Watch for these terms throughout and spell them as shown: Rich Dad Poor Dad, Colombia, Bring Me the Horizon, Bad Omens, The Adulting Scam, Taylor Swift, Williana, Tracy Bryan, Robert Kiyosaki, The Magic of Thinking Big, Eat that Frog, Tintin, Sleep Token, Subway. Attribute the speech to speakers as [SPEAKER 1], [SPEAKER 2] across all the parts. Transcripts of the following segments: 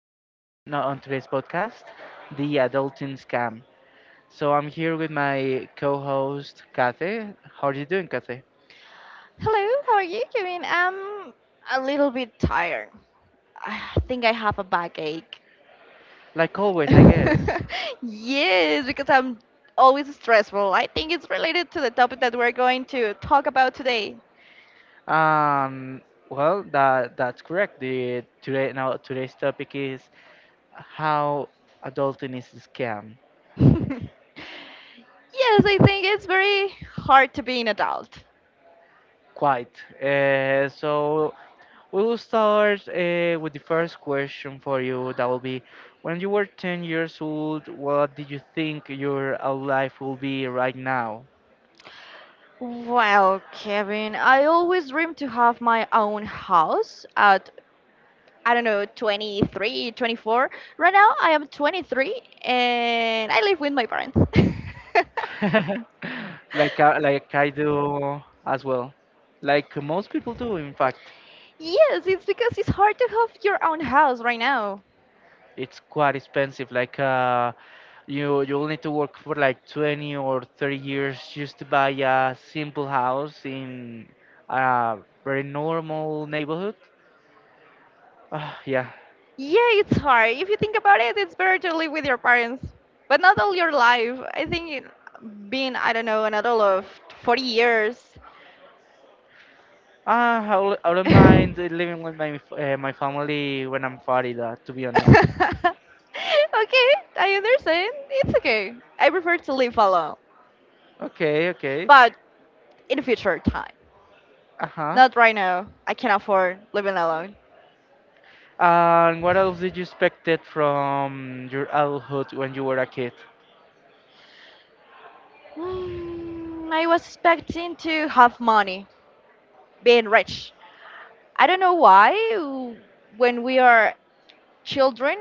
[SPEAKER 1] here now on today's podcast, The Adulting Scam. So I'm here with my co-host, Kathy. How are you doing, Kathy?
[SPEAKER 2] Hello, how are you doing? I'm a little bit tired. I think I have a backache.
[SPEAKER 1] Like always, I guess.
[SPEAKER 2] Yes, because I'm always stressful. I think it's related to the topic that we're going to talk about today.
[SPEAKER 1] Um, well, that's correct. The today now Today's topic is how adulting is a scam.
[SPEAKER 2] Yes, I think it's very hard to be an adult.
[SPEAKER 1] Quite. So we'll start with the first question for you. That will be, when you were 10 years old, what did you think your life will be right now?
[SPEAKER 2] Well, Kevin, I always dreamed to have my own house at, I don't know, 23, 24. Right now, I am 23 and I live with my parents.
[SPEAKER 1] Like I do as well. Like most people do, in fact.
[SPEAKER 2] Yes, it's because it's hard to have your own house right now.
[SPEAKER 1] It's quite expensive. Like you'll need to work for like 20 or 30 years just to buy a simple house in a very normal neighborhood. Ah, yeah,
[SPEAKER 2] Yeah, it's hard. If you think about it, it's better to live with your parents, but not all your life. I think being, I don't know, an adult of 40 years.
[SPEAKER 1] I don't
[SPEAKER 2] Okay,
[SPEAKER 1] mind living with my family when I'm 40, though, to be honest.
[SPEAKER 2] I understand. It's okay. I prefer to live alone,
[SPEAKER 1] Okay, okay.
[SPEAKER 2] but in future time.
[SPEAKER 1] Uh-huh.
[SPEAKER 2] Not right now. I can afford living alone.
[SPEAKER 1] And what else did you expected from your adulthood when you were a kid?
[SPEAKER 2] Mm, I was expecting to have money, being rich. I don't know why, when we are children,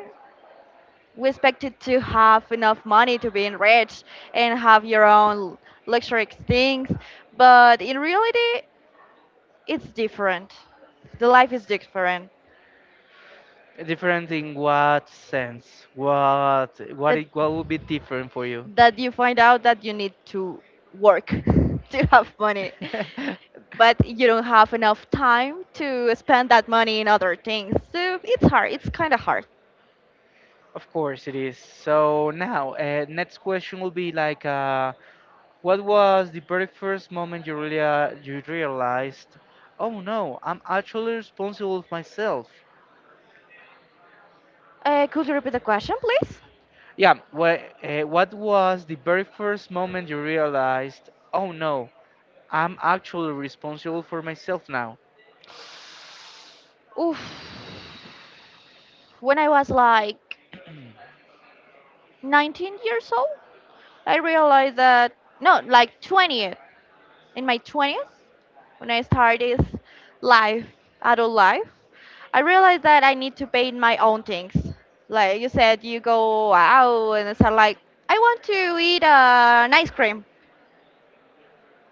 [SPEAKER 2] we expected to have enough money to be rich and have your own luxury things, but in reality, it's different. The life is different.
[SPEAKER 1] Different in what sense? What would be different for you?
[SPEAKER 2] That you find out that you need to work to have money, but you don't have enough time to spend that money in other things. So it's hard. It's kind of hard.
[SPEAKER 1] Of course it is. So now, next question will be like, what was the very first moment you really you realized, oh no, I'm actually responsible for myself?
[SPEAKER 2] Could you repeat the question, please?
[SPEAKER 1] Yeah, what was the very first moment you realized, oh no, I'm actually responsible for myself now?
[SPEAKER 2] Oof. When I was like 19 years old, I realized that no, like 20, in my 20s, when I started this life, adult life, I realized that I need to pay my own things. Like you said, you go out and it's like, I want to eat an ice cream.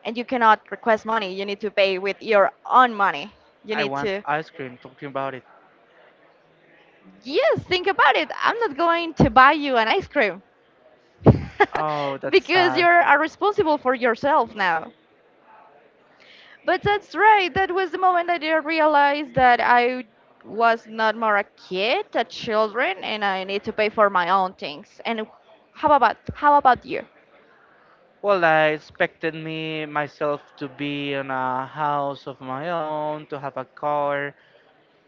[SPEAKER 2] And you cannot request money. You need to pay with your own money. You
[SPEAKER 1] I
[SPEAKER 2] need
[SPEAKER 1] want
[SPEAKER 2] to,
[SPEAKER 1] ice cream, talking about it.
[SPEAKER 2] yes, think about it. I'm not going to buy you an ice cream
[SPEAKER 1] Oh, that's
[SPEAKER 2] because
[SPEAKER 1] sad.
[SPEAKER 2] you're responsible for yourself now. But that's right. That was the moment that I realized that I was not more a kid, a children, and I need to pay for my own things. And how about you?
[SPEAKER 1] Well, I expected me myself to be in a house of my own, to have a car,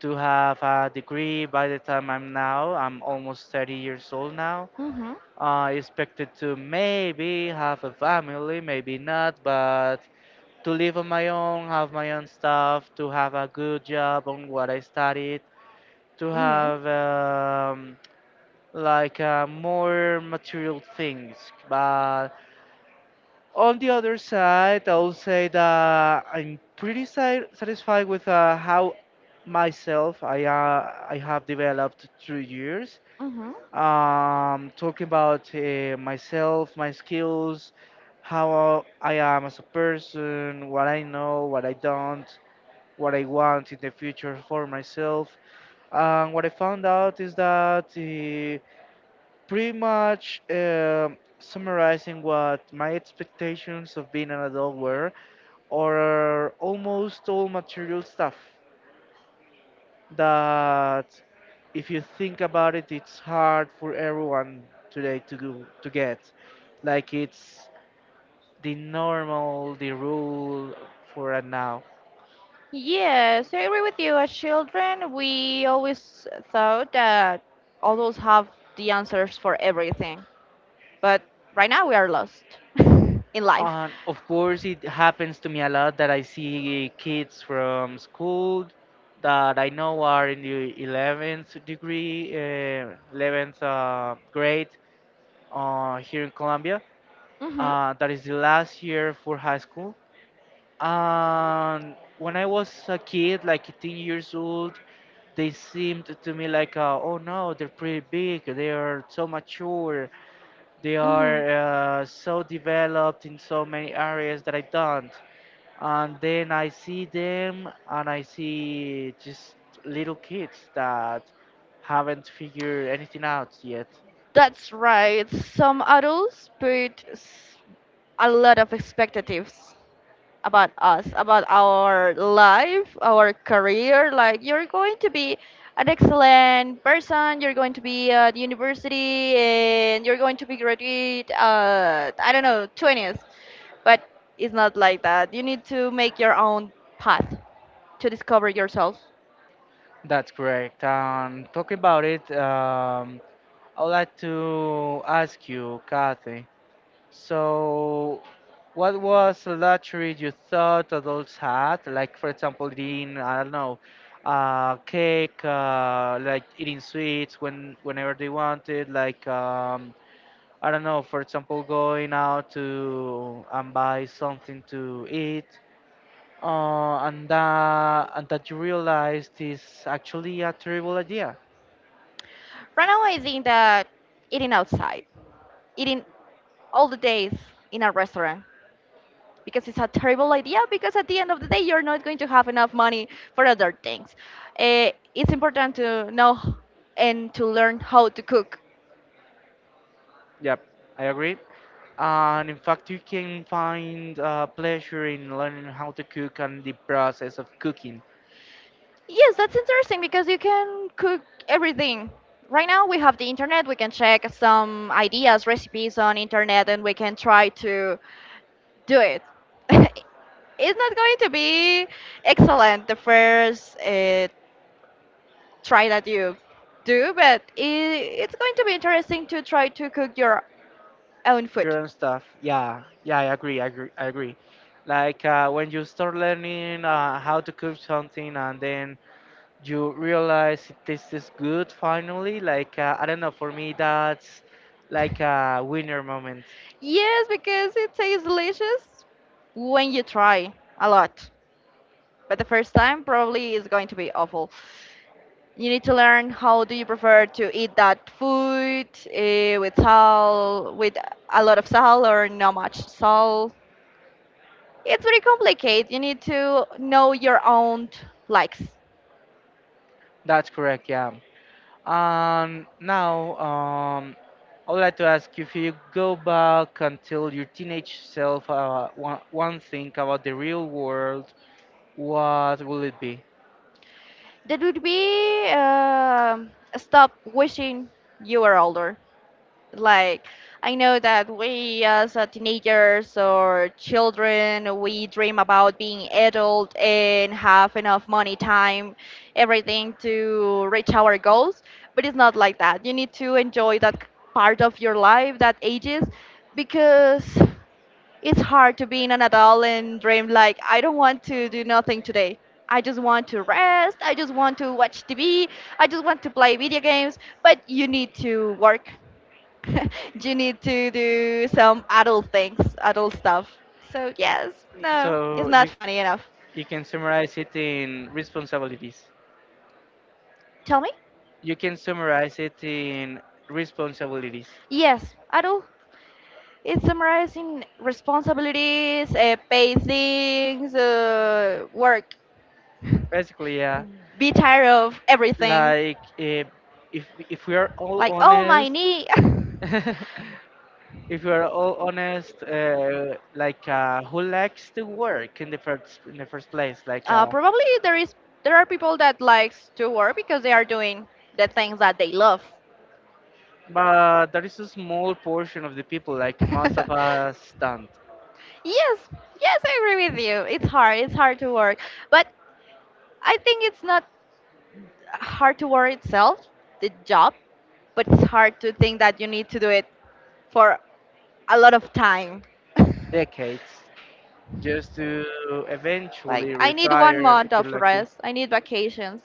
[SPEAKER 1] to have a degree by the time I'm now. I'm almost 30 years old now.
[SPEAKER 2] Mhm.
[SPEAKER 1] I expected to maybe have a family, maybe not, but to live on my own, have my own stuff, to have a good job on what I studied, to
[SPEAKER 2] Mhm.
[SPEAKER 1] have like more material things. But on the other side, I'll say that I'm pretty satisfied with how myself I have developed through years.
[SPEAKER 2] Mhm.
[SPEAKER 1] Talking about myself, my skills, how I am as a person, what I know, what I don't, what I want in the future for myself. And what I found out is that, pretty much summarizing what my expectations of being an adult were, or almost all material stuff that, if you think about it, it's hard for everyone today to go, to get. Like it's the normal, the rule for a now.
[SPEAKER 2] Yes, I agree with you. As children, we always thought that adults have the answers for everything, but right now we are lost in life.
[SPEAKER 1] Of course, it happens to me a lot that I see kids from school that I know are in the 11th degree, 11th grade here in Colombia.
[SPEAKER 2] Mhm.
[SPEAKER 1] That is the last year for high school. And when I was a kid, like 18 years old, they seemed to me like, oh no, they're pretty big, they are so mature, they are so developed in so many areas that I don't. And then I see them and I see just little kids that haven't figured anything out yet.
[SPEAKER 2] That's right. Some adults put a lot of expectations about us, about our life, our career. Like, you're going to be an excellent person. You're going to be at university, and you're going to be graduate. I don't know, twentieth, but it's not like that. You need to make your own path to discover yourself.
[SPEAKER 1] That's correct. Talking about it, I'd like to ask you, Kathy, so, what was a luxury you thought adults had? Like, for example, eating, I don't know, cake, like eating sweets whenever they wanted. Like, I don't know, for example, going out to and buy something to eat. And that you realized is actually a terrible idea.
[SPEAKER 2] Right now, I think that eating outside, eating all the days in a restaurant, because it's a terrible idea because at the end of the day you're not going to have enough money for other things. Eh, it's important to know and to learn how to cook.
[SPEAKER 1] Yep. I agree. And in fact, you can find pleasure in learning how to cook and the process of cooking
[SPEAKER 2] Yes, that's interesting because you can cook everything. Right now we have the internet, we can check some ideas, recipes on internet, and we can try to do it. It's not going to be excellent the first try that you do, but it's going to be interesting to try to cook your own food.
[SPEAKER 1] your own stuff. Yeah, I agree, I agree, I agree. Like when you start learning how to cook something and then you realize it tastes good finally, like I don't know, for me that's like a winner moment.
[SPEAKER 2] Yes, because it tastes delicious when you try a lot. But the first time probably is going to be awful. You need to learn how do you prefer to eat that food, eh, with salt, with a lot of salt or not much salt. It's very complicated. You need to know your own likes.
[SPEAKER 1] That's correct, yeah. And now, I would like to ask you if you go back and tell your teenage self one thing about the real world, what will it be?
[SPEAKER 2] That would be, um, stop wishing you were older. Like, I know that we as teenagers or children, we dream about being adult and have enough money, time, everything to reach our goals. But it's not like that. You need to enjoy that part of your life, that ages, because it's hard to be an adult and dream like, I don't want to do nothing today. I just want to rest. I just want to watch TV. I just want to play video games. But you need to work. You need to do some adult things, adult stuff. So yes, no, it's
[SPEAKER 1] So
[SPEAKER 2] not funny enough.
[SPEAKER 1] you can summarize it in responsibilities.
[SPEAKER 2] Tell me?
[SPEAKER 1] You can summarize it in responsibilities.
[SPEAKER 2] Yes, adult. It's summarizing responsibilities, pay things, work.
[SPEAKER 1] Basically, yeah,
[SPEAKER 2] Be tired of everything.
[SPEAKER 1] like eh, if we are all
[SPEAKER 2] Like, oh my
[SPEAKER 1] honest,
[SPEAKER 2] knee.
[SPEAKER 1] if you are all honest, like who likes to work in the first place? Like,
[SPEAKER 2] Uh, probably there is, there are people that likes to work because they are doing the things that they love.
[SPEAKER 1] but there is a small portion of the people, like most of us, stand
[SPEAKER 2] Yes, yes, I agree with you. It's hard. It's hard to work, but I think it's not hard to work itself, the job, but it's hard to think that you need to do it for a lot of time.
[SPEAKER 1] decades just to
[SPEAKER 2] Like,
[SPEAKER 1] eventually
[SPEAKER 2] I need one
[SPEAKER 1] retire
[SPEAKER 2] month
[SPEAKER 1] if you're
[SPEAKER 2] of
[SPEAKER 1] lucky.
[SPEAKER 2] rest. I need vacations.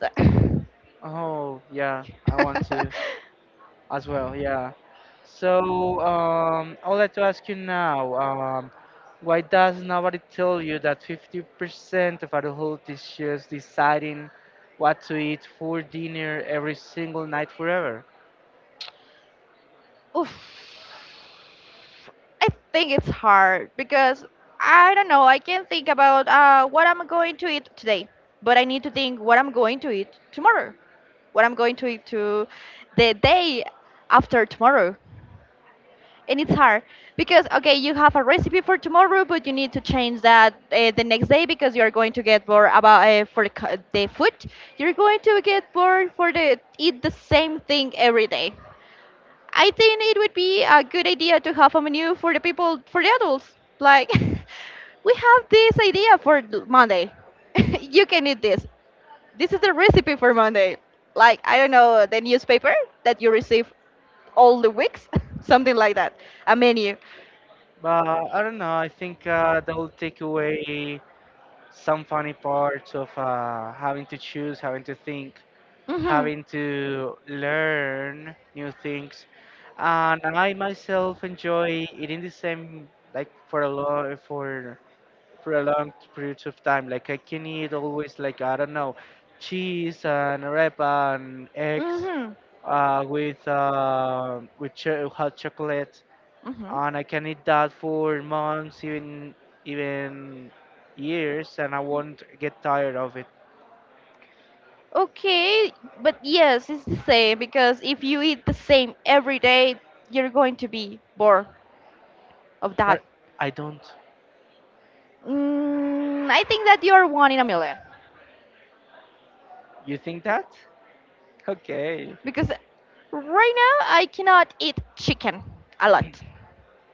[SPEAKER 1] Oh yeah, I want to as well. Yeah. So I would like to ask you now, why does nobody tell you that 50% of adults is just deciding what to eat for dinner every single night forever?
[SPEAKER 2] Oof. I think it's hard because I don't know. I can think about what I'm going to eat today, but I need to think what I'm going to eat tomorrow, what I'm going to eat to the day after tomorrow. And it's hard because okay, you have a recipe for tomorrow, but you need to change that the next day because you are going to get bored about the food. You're going to get bored for the eat the same thing every day. I think it would be a good idea to have a menu for the people, for the adults. Like, we have this idea for Monday. You can eat this. This is the recipe for Monday. Like, I don't know, the newspaper that you receive all the weeks, something like that. A menu.
[SPEAKER 1] But I don't know. I think that will take away some funny parts of having to choose, having to think,
[SPEAKER 2] Mm-hmm.
[SPEAKER 1] having to learn new things. And I myself enjoy eating the same like for a long periods of time. Like I can eat always like I don't know, cheese and arepa and eggs
[SPEAKER 2] Mm-hmm.
[SPEAKER 1] with cho hot chocolate,
[SPEAKER 2] Mm-hmm.
[SPEAKER 1] and I can eat that for months, even even years, and I won't get tired of it.
[SPEAKER 2] Okay, but yes, it's the same because if you eat the same every day, you're going to be bored of
[SPEAKER 1] But
[SPEAKER 2] that.
[SPEAKER 1] I don't.
[SPEAKER 2] Mm, I think that you're one in a million
[SPEAKER 1] You think that? Okay.
[SPEAKER 2] because right now I cannot eat chicken a lot.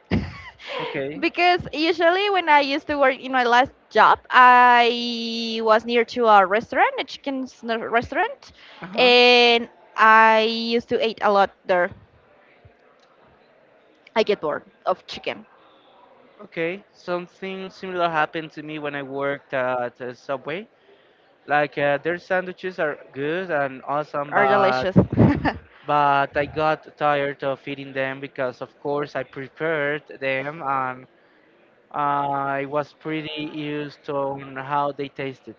[SPEAKER 1] Okay.
[SPEAKER 2] Because usually when I used to work in my last job, I was near to a restaurant, a restaurant,
[SPEAKER 1] Uh huh.
[SPEAKER 2] and I used to eat a lot there. I get bored of chicken.
[SPEAKER 1] Okay. Something similar happened to me when I worked at Subway. Like their sandwiches are good and awesome,
[SPEAKER 2] Are
[SPEAKER 1] but
[SPEAKER 2] delicious.
[SPEAKER 1] I got tired of eating them because of course I prepared them and I was pretty used to on how they tasted.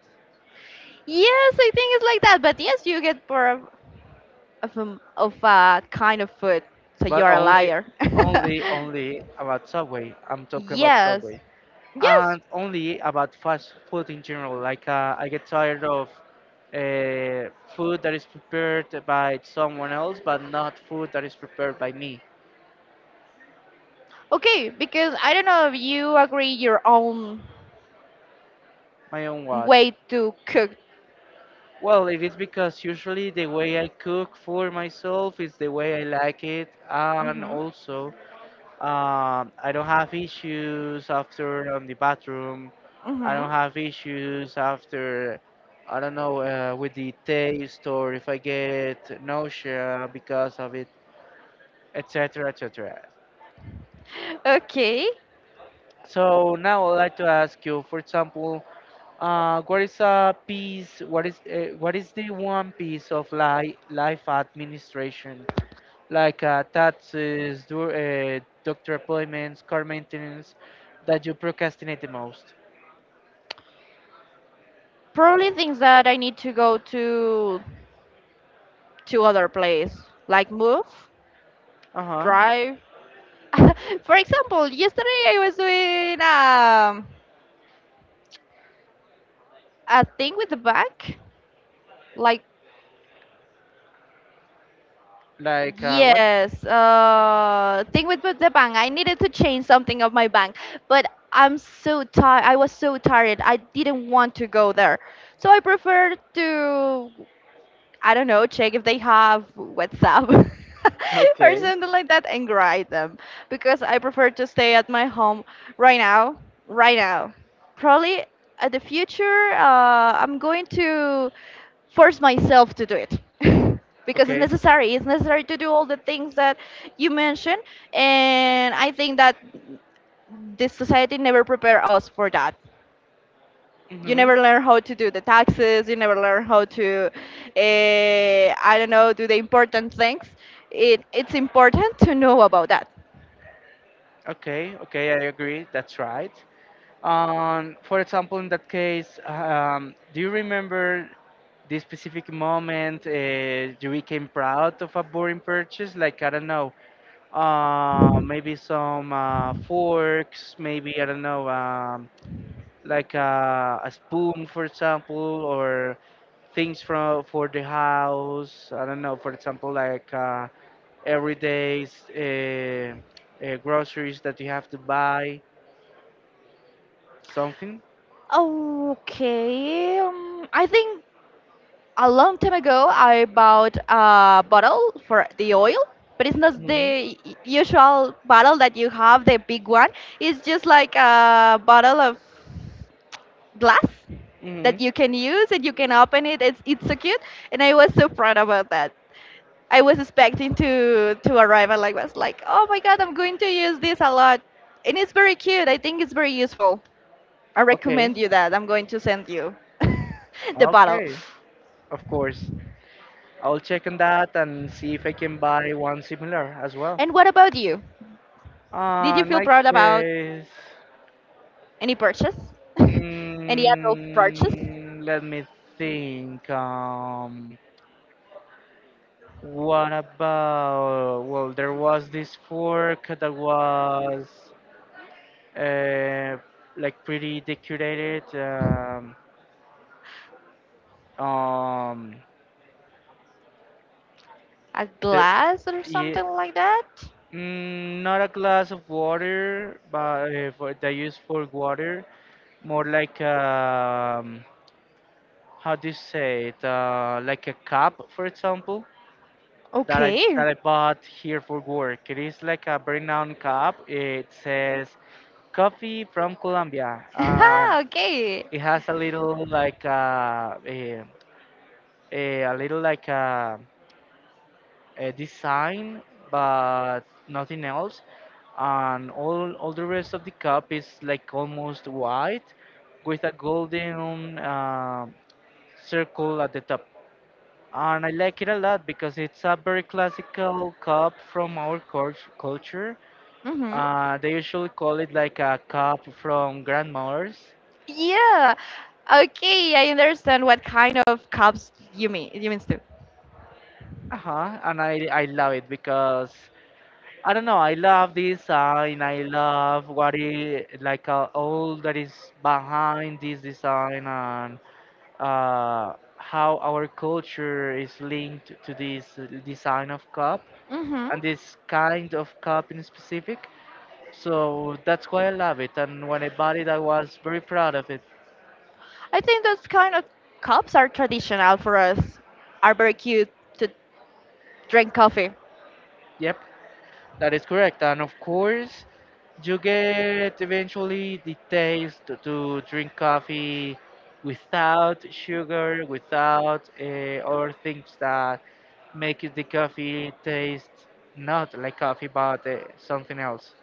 [SPEAKER 2] Yes, I think it's like that. But yes, you get more of, of a kind of food, so
[SPEAKER 1] But
[SPEAKER 2] you're a liar.
[SPEAKER 1] only about Subway. I'm talking about
[SPEAKER 2] Yes,
[SPEAKER 1] Subway,
[SPEAKER 2] yes.
[SPEAKER 1] and only about fast food in general. Like I get tired of food that is prepared by someone else, but not food that is prepared by me,
[SPEAKER 2] Okay, because I don't know if you agree your own
[SPEAKER 1] my own what?
[SPEAKER 2] way to cook.
[SPEAKER 1] Well, it is because usually the way I cook for myself is the way I like it, and also I don't have issues after on the bathroom.
[SPEAKER 2] Mhm.
[SPEAKER 1] I
[SPEAKER 2] Mhm.
[SPEAKER 1] don't have issues after, I don't know, with the taste or if I get nausea because of it, etc., etc.
[SPEAKER 2] Okay.
[SPEAKER 1] So now I'd like to ask you, for example, what is the one piece of li life administration like taxes, doctor appointments, car maintenance, that you procrastinate the most?
[SPEAKER 2] Probably things that I need to go to other place, like move,
[SPEAKER 1] Uh huh.
[SPEAKER 2] drive. For example, yesterday I was doing, a thing with the bank, like,
[SPEAKER 1] Like what?
[SPEAKER 2] yes, thing with the bank. I needed to change something of my bank, but I'm so tired. I was so tired. I didn't want to go there, so I preferred to. I don't know, check if they have WhatsApp or
[SPEAKER 1] Okay.
[SPEAKER 2] something like that and write them, because I prefer to stay at my home right now, right now. Probably at the future, I'm going to force myself to do it because it's
[SPEAKER 1] Okay.
[SPEAKER 2] necessary. It's necessary to do all the things that you mentioned, and I think that this society never prepare us for that. You
[SPEAKER 1] Mm-hmm.
[SPEAKER 2] never learn how to do the taxes, you never learn how to, I don't know, do the important things. It's important to know about that.
[SPEAKER 1] Okay, okay, I agree. That's right. For example, in that case, do you remember this specific moment you became proud of a boring purchase? Like, I don't know, maybe some forks, maybe I don't know, like a spoon, for example, or things from for the house. I don't know, for example, like everyday uh, groceries that you have to buy, something.
[SPEAKER 2] Okay. I think a long time ago I bought a bottle for the oil, but it's not
[SPEAKER 1] Hmm.
[SPEAKER 2] the usual bottle that you have, the big one. It's just like a bottle of glass
[SPEAKER 1] Hmm.
[SPEAKER 2] that you can use and you can open it. It's so cute, and I was so proud about that. I was expecting to arrive at like was like, oh my god, I'm going to use this a lot, and it's very cute. I think it's very useful. I recommend
[SPEAKER 1] Okay.
[SPEAKER 2] you that. I'm going to send you the bottle.
[SPEAKER 1] Okay. Of course. I'll check on that and see if I can buy one similar as well.
[SPEAKER 2] And what about you? Did you
[SPEAKER 1] In
[SPEAKER 2] feel
[SPEAKER 1] my
[SPEAKER 2] proud about
[SPEAKER 1] case.
[SPEAKER 2] any purchase? Any adult purchase?
[SPEAKER 1] Mm, let me think. What about? Well, there was this fork that was uh, like pretty decorated. Um,
[SPEAKER 2] A
[SPEAKER 1] there,
[SPEAKER 2] glass or
[SPEAKER 1] yeah,
[SPEAKER 2] something like that?
[SPEAKER 1] mm, not a glass of water, but they use for water. More like how do you say it? Like a cup, for example, that
[SPEAKER 2] Okay.
[SPEAKER 1] I bought here for work. It is like a brown cup. It says coffee from Colombia.
[SPEAKER 2] Ah, okay.
[SPEAKER 1] It has a little like a little like a design, but nothing else. And all the rest of the cup is like almost white, with a golden circle at the top. And I like it a lot because it's a very classical cup from our culture.
[SPEAKER 2] Mhm.
[SPEAKER 1] They usually call it like a cup from grandmothers.
[SPEAKER 2] Yeah. Okay, I understand what kind of cups you mean. You means too.
[SPEAKER 1] Uh-huh. And I love it because I don't know, I love this design. I love what it like all that is behind this design and how our culture is linked to this design of cup
[SPEAKER 2] Mhm.
[SPEAKER 1] and this kind of cup in specific. So that's why I love it. And when I bought it, I was very proud of it.
[SPEAKER 2] I think those kind of cups are traditional for us. Are very cute to drink coffee.
[SPEAKER 1] Yep, that is correct. And of course, you get eventually the taste to drink coffee without sugar, without other things that make it the coffee taste not like coffee but something else.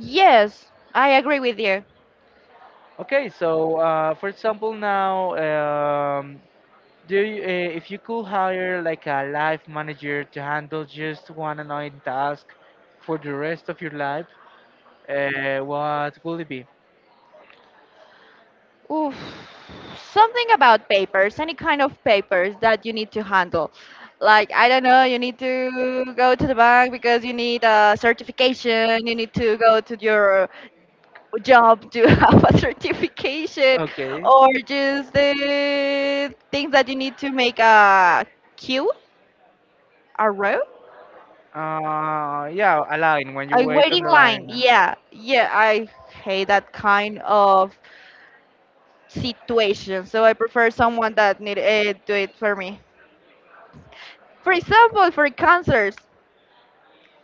[SPEAKER 2] Yes, I agree with you.
[SPEAKER 1] Okay, so for example, now, um, do you, if you could hire like a life manager to handle just one annoying task for the rest of your life, what will it be?
[SPEAKER 2] Oof, something about papers, any kind of papers that you need to handle. Like, I don't know, you need to go to the bank because you need a certification, you need to go to your job to have a certification,
[SPEAKER 1] Okay.
[SPEAKER 2] or just the things that you need to make a queue, a row,
[SPEAKER 1] Yeah, a line when you
[SPEAKER 2] a
[SPEAKER 1] wait on
[SPEAKER 2] waiting
[SPEAKER 1] the
[SPEAKER 2] line.
[SPEAKER 1] line.
[SPEAKER 2] Yeah, yeah, I hate that kind of situation, so I prefer someone that need eh, do it for me. For example, for concerts,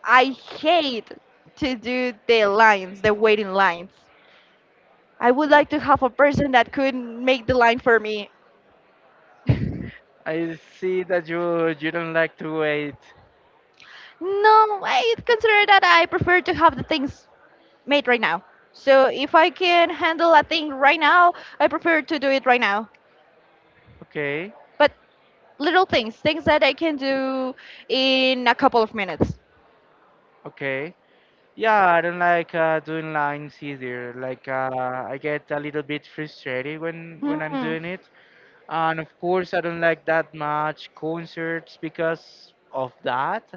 [SPEAKER 2] I hate to do the lines, the waiting lines. I would like to have a person that could make the line for me.
[SPEAKER 1] I see that you don't like to wait.
[SPEAKER 2] No, I consider that I prefer to have the things made right now. So if I can handle a thing right now, I prefer to do it right now.
[SPEAKER 1] Okay,
[SPEAKER 2] But little things, things that I can do in a couple of minutes.
[SPEAKER 1] okay. Yeah, I don't like doing lines either. Like I get a little bit frustrated when I'm
[SPEAKER 2] Mhm.
[SPEAKER 1] doing it. And of course, I don't like that much concerts because of that,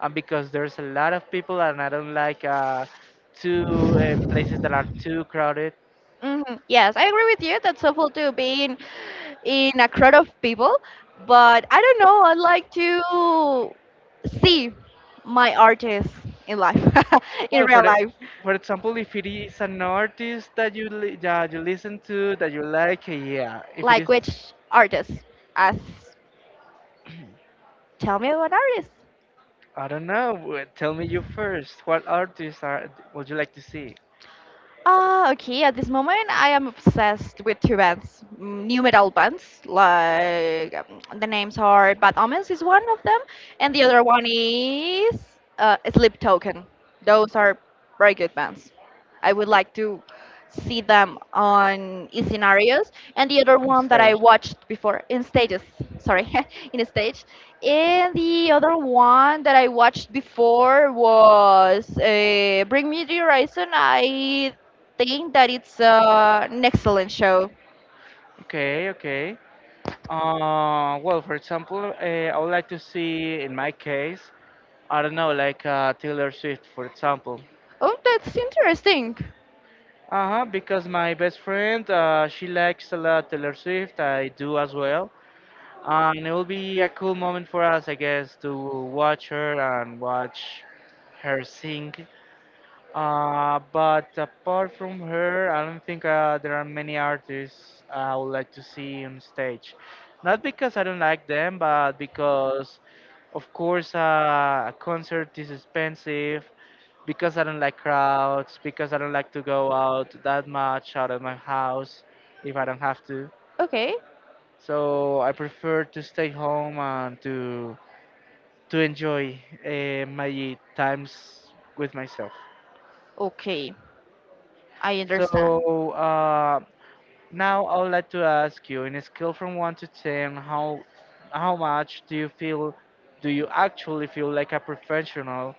[SPEAKER 1] and because there's a lot of people, and I don't like two places that are too crowded.
[SPEAKER 2] hmm Yes, I agree with you. That's helpful to be in a crowd of people. But I don't know. I like to see my artists in life, in
[SPEAKER 1] Well,
[SPEAKER 2] real life.
[SPEAKER 1] for example, if it is an artist that you li that you listen to that you like, yeah. If it
[SPEAKER 2] Like
[SPEAKER 1] is,
[SPEAKER 2] which artist? As Tell me about artist.
[SPEAKER 1] I don't know. Tell me you first. What artists are would you like to see?
[SPEAKER 2] Okay, at this moment, I am obsessed with two bands, new metal bands. The names are Bad Omens is one of them, and the other one is Sleep Token. Those are very good bands. I would like to see them on in scenarios. And the other
[SPEAKER 1] I'm
[SPEAKER 2] one that I
[SPEAKER 1] sorry.
[SPEAKER 2] watched before in stages, sorry, in a stage. And the other one that I watched before was Bring Me the Horizon. I think that it's an excellent show.
[SPEAKER 1] Okay, okay. Well, for example, I would like to see, in my case, I don't know, like Taylor Swift, for example.
[SPEAKER 2] Oh, that's interesting.
[SPEAKER 1] Uh-huh, because my best friend, she likes a lot Taylor Swift. I do as well. And it will be a cool moment for us, I guess, to watch her and watch her sing. But apart from her, I don't think there are many artists I would like to see on stage. Not because I don't like them, but because, of course, a concert is expensive, because I don't like crowds, because I don't like to go out that much out of my house if I don't have to.
[SPEAKER 2] Okay.
[SPEAKER 1] So I prefer to stay home and to enjoy my times with myself.
[SPEAKER 2] Okay. I understand.
[SPEAKER 1] So now I would like to ask you, in a scale from one to ten, how much do you feel, do you actually feel like a professional,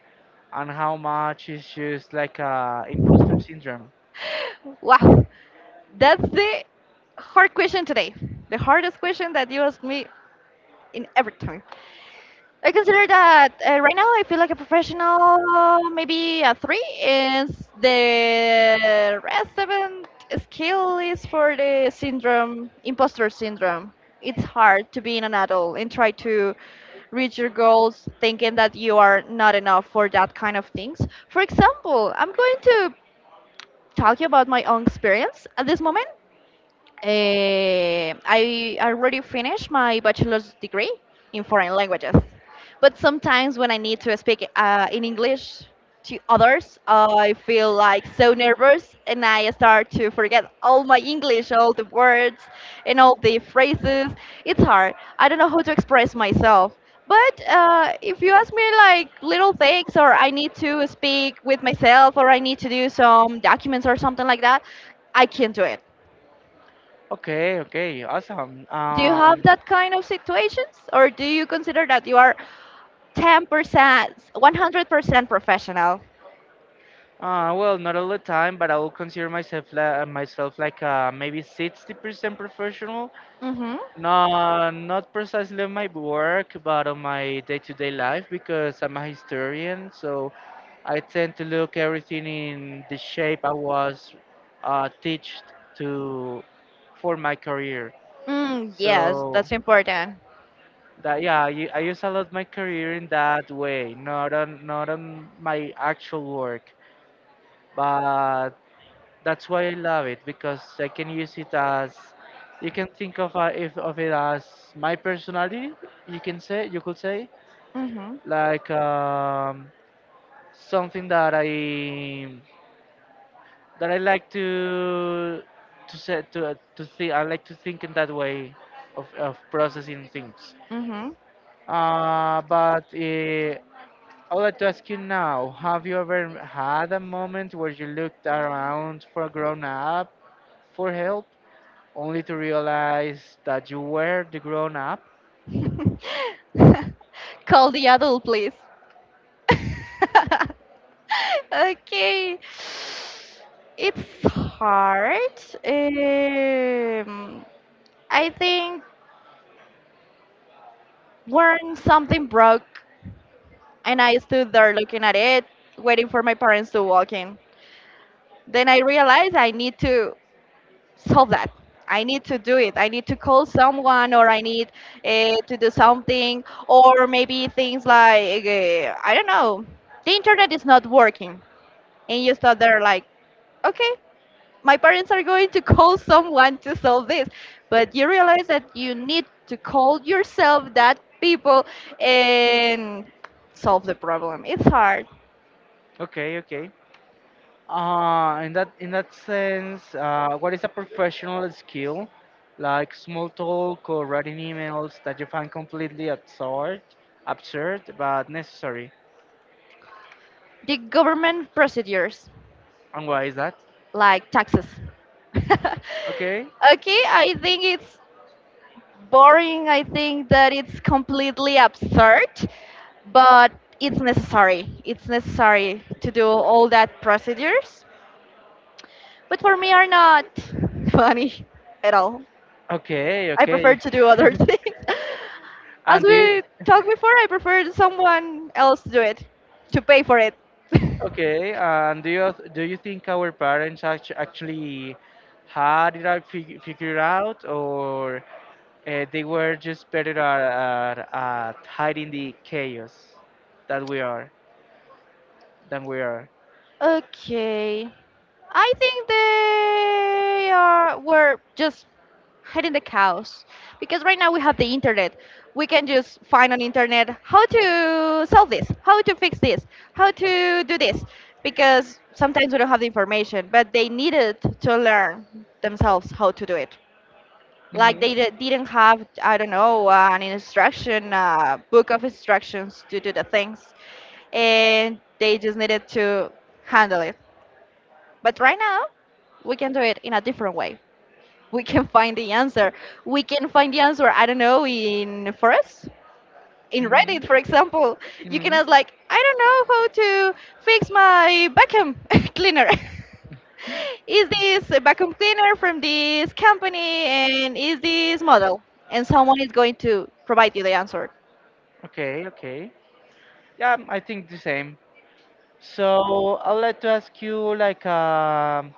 [SPEAKER 1] and how much is just like a imposter syndrome?
[SPEAKER 2] Wow. That's the hard question today. The hardest question that you asked me in every time. I consider that right now I feel like a professional, maybe a three, and the rest seven skill is for the syndrome, imposter syndrome. It's hard to be an adult and try to reach your goals thinking that you are not enough for that kind of things. For example, I'm going to talk about my own experience at this moment. I already finished my bachelor's degree in foreign languages, but sometimes when I need to speak in English to others, I feel like so nervous and I start to forget all my English, all the words and all the phrases. It's hard. I don't know how to express myself. But if you ask me like little things, or I need to speak with myself, or I need to do some documents or something like that, I can do it.
[SPEAKER 1] Okay, okay, awesome.
[SPEAKER 2] Do you have
[SPEAKER 1] Um,
[SPEAKER 2] that kind of situations, or do you consider that you are 10%, 100% professional?
[SPEAKER 1] uh, well, not all the time, but I will consider myself like maybe 60% professional.
[SPEAKER 2] Mm-hmm.
[SPEAKER 1] No, not precisely on my work, but on my day-to-day life because I'm a historian, so I tend to look everything in the shape I was teached to for my career.
[SPEAKER 2] Mm, yes,
[SPEAKER 1] So
[SPEAKER 2] that's important.
[SPEAKER 1] that yeah, I use a lot my career in that way, not on my actual work, but that's why I love it because I can use it as you can think of if of it as my personality. You could say
[SPEAKER 2] Mm-hmm.
[SPEAKER 1] like something that I like to say to think. I like to think in that way of processing things.
[SPEAKER 2] Mm-hmm.
[SPEAKER 1] But I would like to ask you now: Have you ever had a moment where you looked around for a grown up for help, only to realize that you were the grown up?
[SPEAKER 2] Call the adult, please. Okay. It's hard. Um, I think when something broke and I stood there looking at it, waiting for my parents to walk in. Then I realized I need to solve that. I need to do it. I need to call someone, or I need to do something, or maybe things like I don't know, the internet is not working, and you start there like, okay, my parents are going to call someone to solve this, but you realize that you need to call yourself that people and solve the problem. It's hard.
[SPEAKER 1] Okay, okay. In that sense, what is a professional skill like small talk or writing emails that you find completely absurd, absurd but necessary?
[SPEAKER 2] The government procedures
[SPEAKER 1] And why is that?
[SPEAKER 2] like taxes.
[SPEAKER 1] Okay,
[SPEAKER 2] Okay, I think it's boring. I think that it's completely absurd, but it's necessary. It's necessary to do all that procedures, but for me are not funny at all.
[SPEAKER 1] okay,
[SPEAKER 2] I prefer
[SPEAKER 1] okay.
[SPEAKER 2] to do other things. As
[SPEAKER 1] and do you,
[SPEAKER 2] we talked before, I prefer someone else to do it, to pay for it.
[SPEAKER 1] okay, and do you think our parents actually had it out figured out, or they were just better at, hiding the chaos that we are, than we are?
[SPEAKER 2] Okay. I think they are were just hiding the cows because right now we have the internet. We can just find on internet how to solve this, how to fix this, how to do this because sometimes we don't have the information, but they needed to learn themselves how to do it. Like they didn't have, I don't know, an instruction book of instructions to do the things, and they just needed to handle it. But right now, we can do it in a different way. We can find the answer. We can find the answer, I don't know, in forest, in Reddit, for example. You can ask, like, I don't know how to fix my vacuum cleaner. Is this a vacuum cleaner from this company and is this model? And someone is going to provide you the answer.
[SPEAKER 1] Okay, okay. Yeah, I think the same. So I'd like to ask you like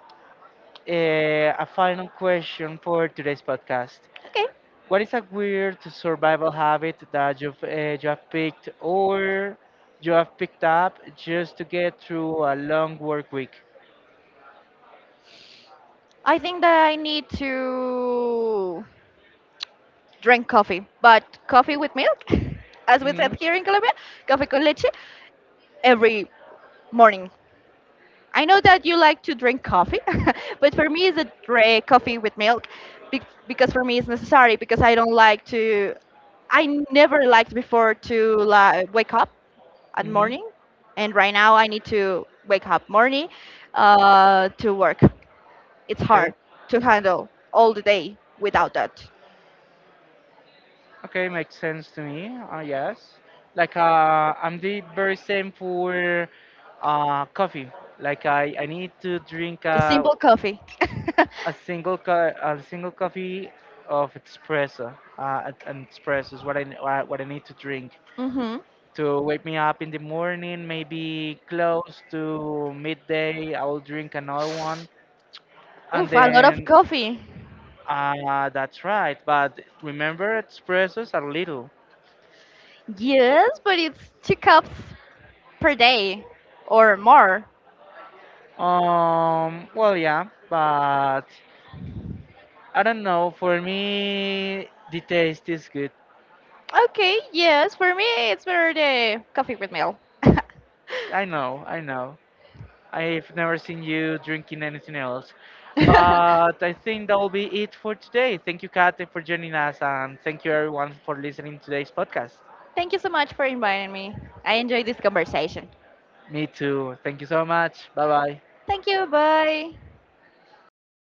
[SPEAKER 1] a final question for today's podcast.
[SPEAKER 2] Okay.
[SPEAKER 1] What is a weird survival habit that you have picked or you have picked up just to get through a long work week?
[SPEAKER 2] I think that I need to drink coffee, but coffee with milk, as we said
[SPEAKER 1] Hmm.
[SPEAKER 2] here in Colombia, coffee con leche, every morning. I know that you like to drink coffee, but for me, it's a drink coffee with milk because for me it's necessary because I don't like to. I never liked before to like, wake up at
[SPEAKER 1] Hmm.
[SPEAKER 2] morning, and right now I need to wake up morning to work. It's
[SPEAKER 1] Okay.
[SPEAKER 2] hard to handle all the day without that.
[SPEAKER 1] Okay, makes sense to me. Yes. Like I'm the very same for coffee. Like I need to drink
[SPEAKER 2] The simple coffee.
[SPEAKER 1] a a single coffee of espresso. An espresso is what I need to drink
[SPEAKER 2] hmm
[SPEAKER 1] to wake me up in the morning, maybe close to midday. I will drink another one. And
[SPEAKER 2] Oof, a lot of
[SPEAKER 1] then,
[SPEAKER 2] coffee.
[SPEAKER 1] that's right. But remember, espressos are little.
[SPEAKER 2] Yes, but it's two cups per day or more.
[SPEAKER 1] Well, yeah, but I don't know. For me, the taste is good.
[SPEAKER 2] Okay, yes, for me it's better the coffee with milk.
[SPEAKER 1] I know, I know. I've never seen you drinking anything else. But I think that will be it for today. Thank you, Kate, for joining us, and thank you, everyone, for listening to today's podcast.
[SPEAKER 2] Thank you so much for inviting me. I enjoyed this conversation.
[SPEAKER 1] Me too. Thank you so much. Bye bye.
[SPEAKER 2] Thank you, bye.